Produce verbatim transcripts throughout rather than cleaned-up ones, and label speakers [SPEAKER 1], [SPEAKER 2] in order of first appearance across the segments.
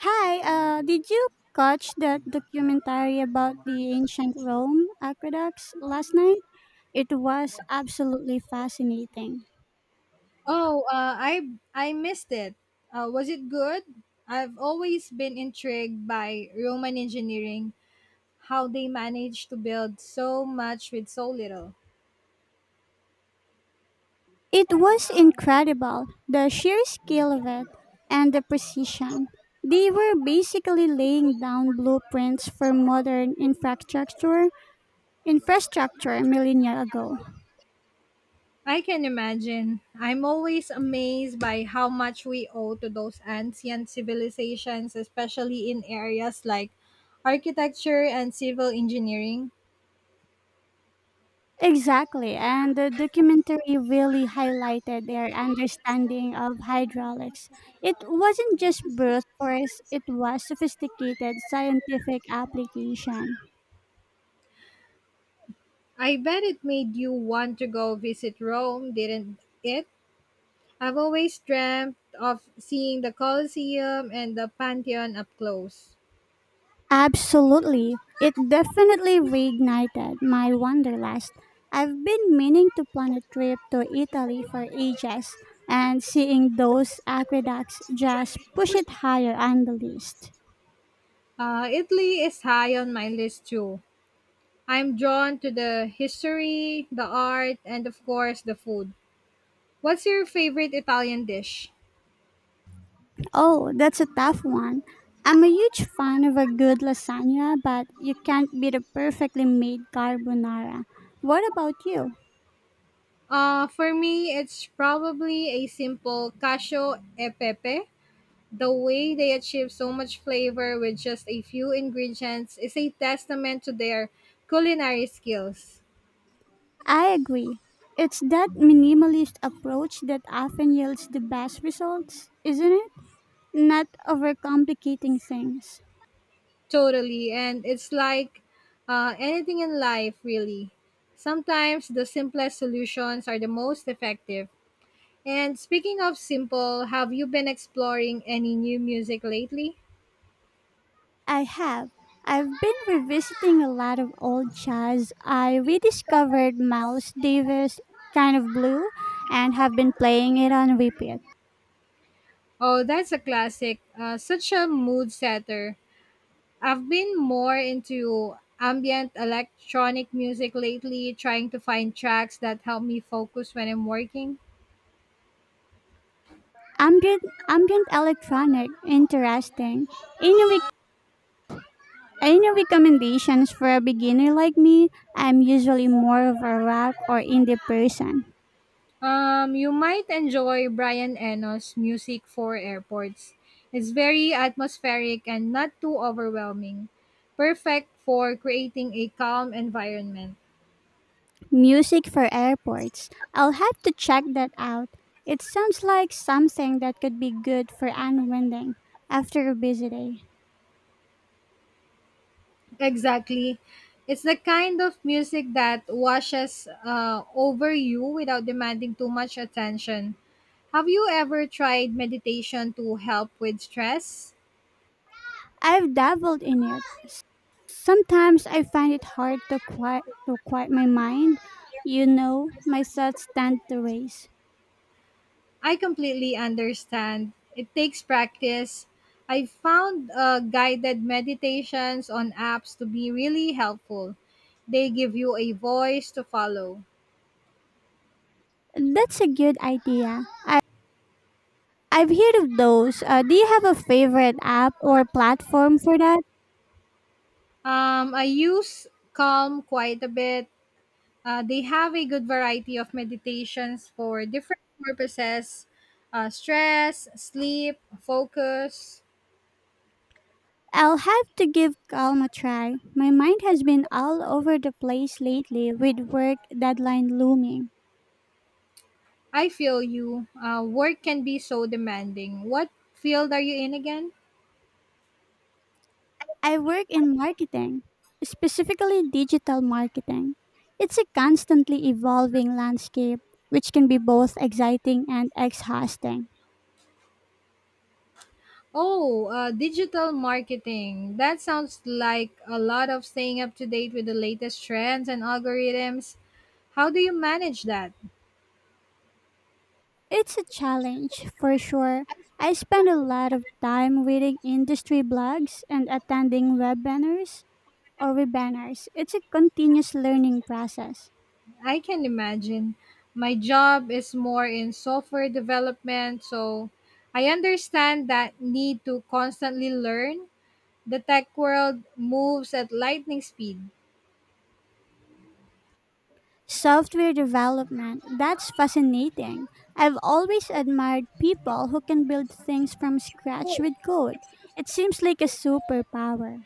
[SPEAKER 1] Hi, uh, did you catch that documentary about the ancient Rome aqueducts last night? It was absolutely fascinating.
[SPEAKER 2] Oh, uh, I I missed it. Uh, was it good? I've always been intrigued by Roman engineering, how they managed to build so much with so little.
[SPEAKER 1] It was incredible, the sheer scale of it and the precision. They were basically laying down blueprints for modern infrastructure infrastructure millennia ago.
[SPEAKER 2] I can imagine. I'm always amazed by how much we owe to those ancient civilizations, especially in areas like architecture and civil engineering.
[SPEAKER 1] Exactly, and the documentary really highlighted their understanding of hydraulics. It wasn't just brute force, it was sophisticated scientific application.
[SPEAKER 2] I bet it made you want to go visit Rome, didn't it? I've always dreamt of seeing the Colosseum and the Pantheon up close.
[SPEAKER 1] Absolutely, it definitely reignited my wanderlust. I've been meaning to plan a trip to Italy for ages, and seeing those aqueducts just push it higher on the list.
[SPEAKER 2] Uh, Italy is high on my list too. I'm drawn to the history, the art, and of course the food. What's your favorite Italian dish?
[SPEAKER 1] Oh, that's a tough one. I'm a huge fan of a good lasagna, but you can't beat a perfectly made carbonara. What about you?
[SPEAKER 2] Uh, for me, it's probably a simple cacio e pepe. The way they achieve so much flavor with just a few ingredients is a testament to their culinary skills.
[SPEAKER 1] I agree. It's that minimalist approach that often yields the best results, isn't it? Not overcomplicating things.
[SPEAKER 2] Totally. And it's like uh, anything in life, really. Sometimes the simplest solutions are the most effective. And speaking of simple, have you been exploring any new music lately?
[SPEAKER 1] I have. I've been revisiting a lot of old jazz. I rediscovered Miles Davis' Kind of Blue and have been playing it on repeat.
[SPEAKER 2] Oh, that's a classic. Uh, such a mood setter. I've been more into ambient electronic music lately, trying to find tracks that help me focus when I'm working.
[SPEAKER 1] Ambient, ambient electronic, interesting. Any, rec- any recommendations for a beginner like me? I'm usually more of a rock or indie person.
[SPEAKER 2] Um, you might enjoy Brian Eno's Music for Airports. It's very atmospheric and not too overwhelming. Perfect for creating a calm environment.
[SPEAKER 1] Music for airports. I'll have to check that out. It sounds like something that could be good for unwinding after a busy day.
[SPEAKER 2] Exactly. It's the kind of music that washes uh, over you without demanding too much attention. Have you ever tried meditation to help with stress?
[SPEAKER 1] I've dabbled in it. Sometimes I find it hard to quiet to quiet my mind. You know, my thoughts tend to race.
[SPEAKER 2] I completely understand. It takes practice. I found uh, guided meditations on apps to be really helpful. They give you a voice to follow.
[SPEAKER 1] That's a good idea. I've heard of those. Uh, do you have a favorite app or platform for that?
[SPEAKER 2] Um, I use Calm quite a bit. Uh, they have a good variety of meditations for different purposes, uh, stress, sleep, focus.
[SPEAKER 1] I'll have to give Calm a try. My mind has been all over the place lately with work deadline looming.
[SPEAKER 2] I feel you. Uh, work can be so demanding. What field are you in again?
[SPEAKER 1] I work in marketing, specifically digital marketing. It's a constantly evolving landscape, which can be both exciting and exhausting.
[SPEAKER 2] Oh, uh, digital marketing. That sounds like a lot of staying up to date with the latest trends and algorithms. How do you manage that?
[SPEAKER 1] It's a challenge, for sure. I spend a lot of time reading industry blogs and attending webinars or with banners. It's a continuous learning process.
[SPEAKER 2] I can imagine. My job is more in software development, so I understand that need to constantly learn. The tech world moves at lightning speed.
[SPEAKER 1] Software development, that's fascinating. I've always admired people who can build things from scratch with code. It seems like a superpower.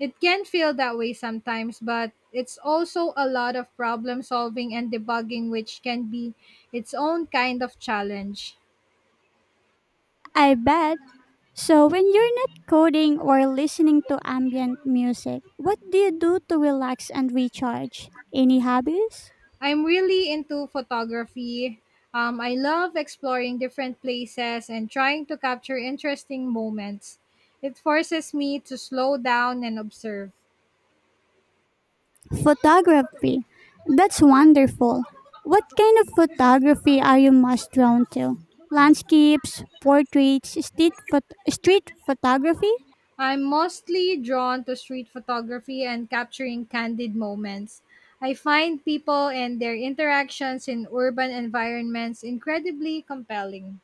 [SPEAKER 2] It can feel that way sometimes, but it's also a lot of problem solving and debugging, which can be its own kind of challenge.
[SPEAKER 1] I bet. So, when you're not coding or listening to ambient music, what do you do to relax and recharge? Any hobbies?
[SPEAKER 2] I'm really into photography. Um, I love exploring different places and trying to capture interesting moments. It forces me to slow down and observe.
[SPEAKER 1] Photography. That's wonderful. What kind of photography are you most drawn to? Landscapes, portraits, street, phot- street photography?
[SPEAKER 2] I'm mostly drawn to street photography and capturing candid moments. I find people and their interactions in urban environments incredibly compelling.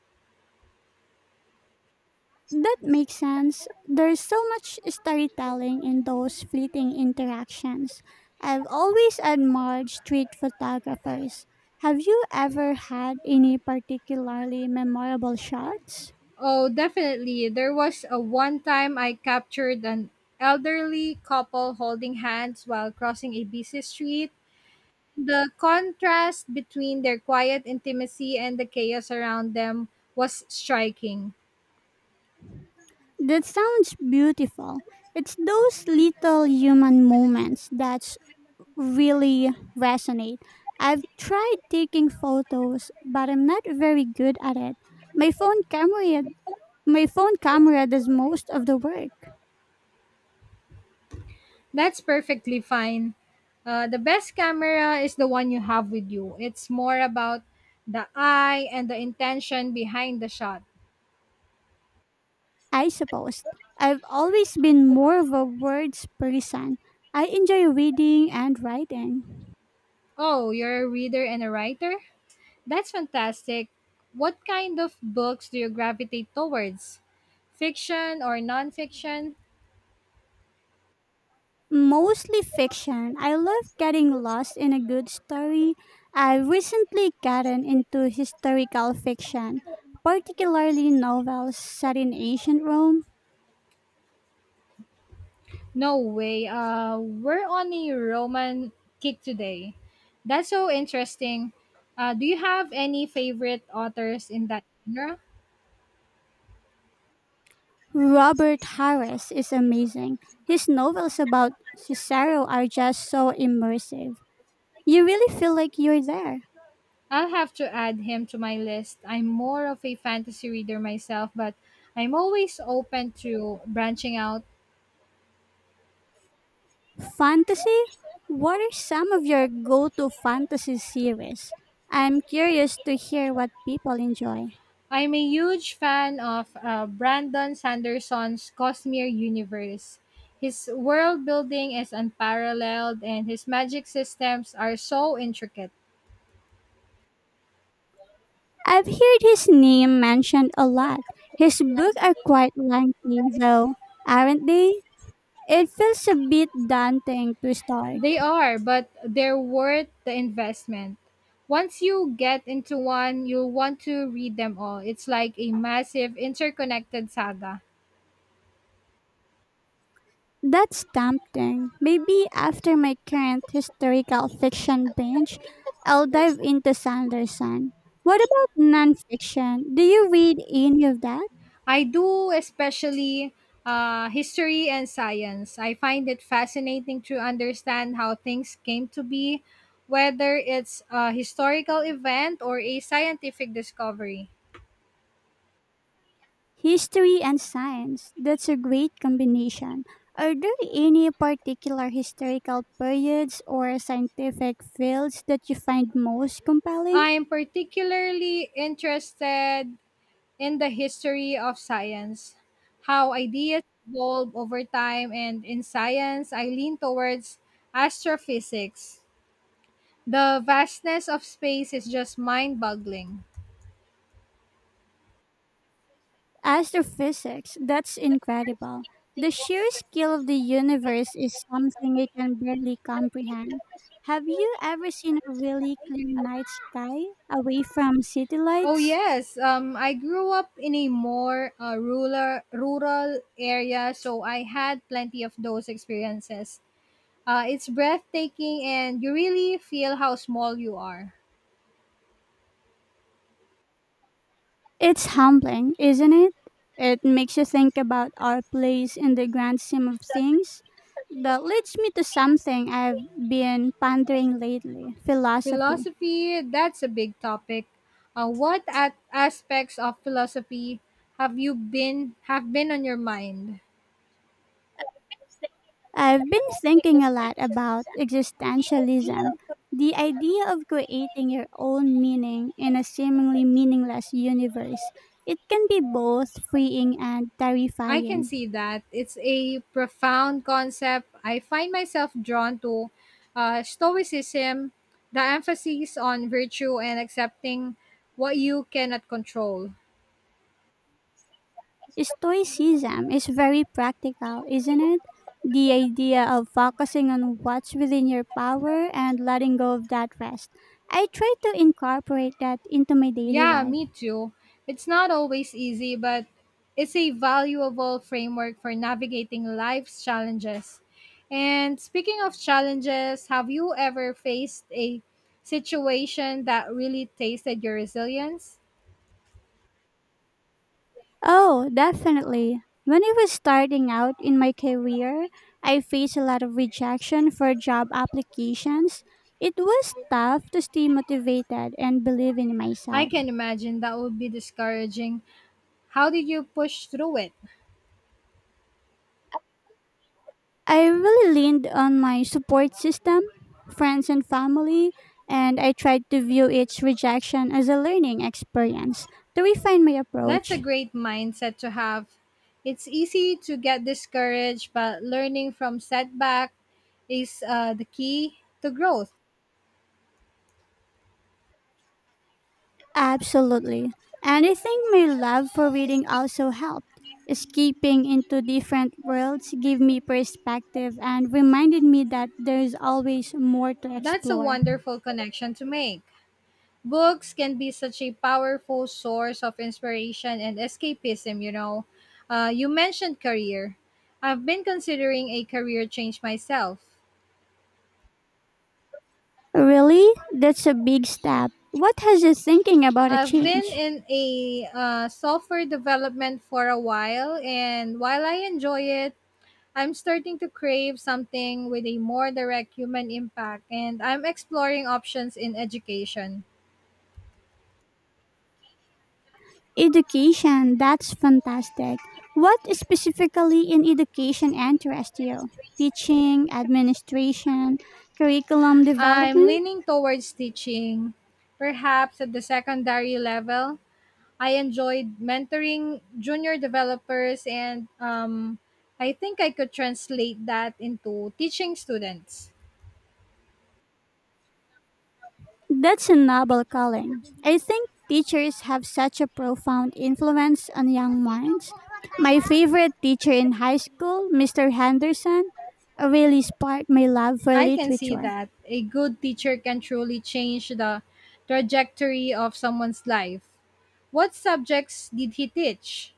[SPEAKER 1] That makes sense. There's so much storytelling in those fleeting interactions. I've always admired street photographers. Have you ever had any particularly memorable shots?
[SPEAKER 2] Oh, definitely. There was a one time I captured an elderly couple holding hands while crossing a busy street. The contrast between their quiet intimacy and the chaos around them was striking.
[SPEAKER 1] That sounds beautiful. It's those little human moments that really resonate. I've tried taking photos, but I'm not very good at it. My phone camera my phone camera does most of the work.
[SPEAKER 2] That's perfectly fine. Uh, the best camera is the one you have with you. It's more about the eye and the intention behind the shot.
[SPEAKER 1] I suppose. I've always been more of a words person. I enjoy reading and writing.
[SPEAKER 2] Oh, you're a reader and a writer? That's fantastic. What kind of books do you gravitate towards? Fiction or nonfiction?
[SPEAKER 1] Mostly fiction. I love getting lost in a good story. I recently gotten into historical fiction, particularly novels set in ancient Rome.
[SPEAKER 2] No way. Uh, we're on a Roman kick today. That's so interesting. Uh, do you have any favorite authors in that genre?
[SPEAKER 1] Robert Harris is amazing. His novels about Cicero are just so immersive. You really feel like you're there.
[SPEAKER 2] I'll have to add him to my list. I'm more of a fantasy reader myself, but I'm always open to branching out.
[SPEAKER 1] Fantasy? What are some of your go to fantasy series? I'm curious to hear what people enjoy.
[SPEAKER 2] I'm a huge fan of uh, Brandon Sanderson's Cosmere universe. His world building is unparalleled, and his magic systems are so intricate.
[SPEAKER 1] I've heard his name mentioned a lot. His books are quite lengthy, though, aren't they? It feels a bit daunting to start.
[SPEAKER 2] They are, but they're worth the investment. Once you get into one, you'll want to read them all. It's like a massive interconnected saga.
[SPEAKER 1] That's tempting. Maybe after my current historical fiction binge, I'll dive into Sanderson. What about nonfiction? Do you read any of that?
[SPEAKER 2] I do, especially uh, history and science. I find it fascinating to understand how things came to be, whether it's a historical event or a scientific discovery.
[SPEAKER 1] History and science. That's a great combination. Are there any particular historical periods or scientific fields that you find most compelling?
[SPEAKER 2] I'm particularly interested in the history of science, how ideas evolve over time, and in science, I lean towards astrophysics. The vastness of space is just mind boggling.
[SPEAKER 1] Astrophysics, that's incredible. The sheer scale of the universe is something I can barely comprehend. Have you ever seen a really clear night sky away from city
[SPEAKER 2] Oh
[SPEAKER 1] lights?
[SPEAKER 2] yes, um, I grew up in a more uh, rural rural area, so I had plenty of those experiences. Uh, it's breathtaking, and you really feel how small you are.
[SPEAKER 1] It's humbling, isn't it? It makes you think about our place in the grand scheme of things. That leads me to something I've been pondering lately philosophy.
[SPEAKER 2] Philosophy, that's a big topic. Uh, what at aspects of philosophy have you been have been on your mind?
[SPEAKER 1] I've been thinking a lot about existentialism, the idea of creating your own meaning in a seemingly meaningless universe. It can be both freeing and
[SPEAKER 2] I can
[SPEAKER 1] terrifying.
[SPEAKER 2] see that. It's a profound concept. I find myself drawn to uh, Stoicism, the emphasis on virtue and accepting what you cannot control.
[SPEAKER 1] Stoicism is very practical, isn't it? The idea of focusing on what's within your power and letting go of that rest. I try to incorporate that into my daily
[SPEAKER 2] Yeah,
[SPEAKER 1] life.
[SPEAKER 2] me too. It's not always easy, but it's a valuable framework for navigating life's challenges. And speaking of challenges, have you ever faced a situation that really tasted your resilience?
[SPEAKER 1] Oh, definitely. When I was starting out in my career, I faced a lot of rejection for job applications. It was tough to stay motivated and believe in
[SPEAKER 2] I
[SPEAKER 1] myself.
[SPEAKER 2] can imagine that would be discouraging. How did you push through it?
[SPEAKER 1] I really leaned on my support system, friends and family, and I tried to view each rejection as a learning experience to refine my
[SPEAKER 2] That's a
[SPEAKER 1] approach.
[SPEAKER 2] great mindset to have. It's easy to get discouraged, but learning from setback is uh, the key to growth.
[SPEAKER 1] Absolutely. And I think my love for reading also helped. Escaping into different worlds gave me perspective and reminded me that there's always more to
[SPEAKER 2] That's a
[SPEAKER 1] explore.
[SPEAKER 2] wonderful connection to make. Books can be such a powerful source of inspiration and escapism, you know. Uh, you mentioned career. I've been considering a career change myself.
[SPEAKER 1] Really? That's a big step. What has you thinking about a
[SPEAKER 2] I've been
[SPEAKER 1] change?
[SPEAKER 2] in a uh, software development for a while, and while I enjoy it, I'm starting to crave something with a more direct human impact, and I'm exploring options in education.
[SPEAKER 1] Education, that's fantastic. What specifically in education interests you? Teaching, administration, curriculum
[SPEAKER 2] I'm
[SPEAKER 1] development?
[SPEAKER 2] leaning towards teaching, perhaps at the secondary level. I enjoyed mentoring junior developers, and um, I think I could translate that into teaching students.
[SPEAKER 1] That's a noble calling. I think teachers have such a profound influence on young minds. My favorite teacher in high school, mister Henderson, really sparked my love for
[SPEAKER 2] I can see
[SPEAKER 1] literature.
[SPEAKER 2] that a good teacher can truly change the trajectory of someone's life. What subjects did he teach?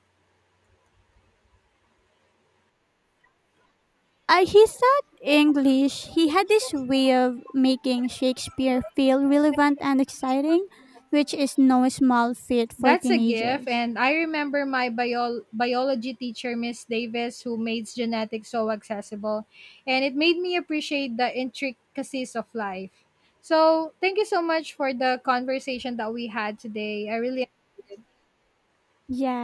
[SPEAKER 1] Uh, he taught English. He had this way of making Shakespeare feel relevant and exciting, which is no small feat for
[SPEAKER 2] That's a gift,
[SPEAKER 1] teenagers.
[SPEAKER 2] and I remember my bio- biology teacher, Miss Davis, who made genetics so accessible, and it made me appreciate the intricacies of life. So, thank you so much for the conversation that we had today. I really enjoyed it.
[SPEAKER 1] Yes,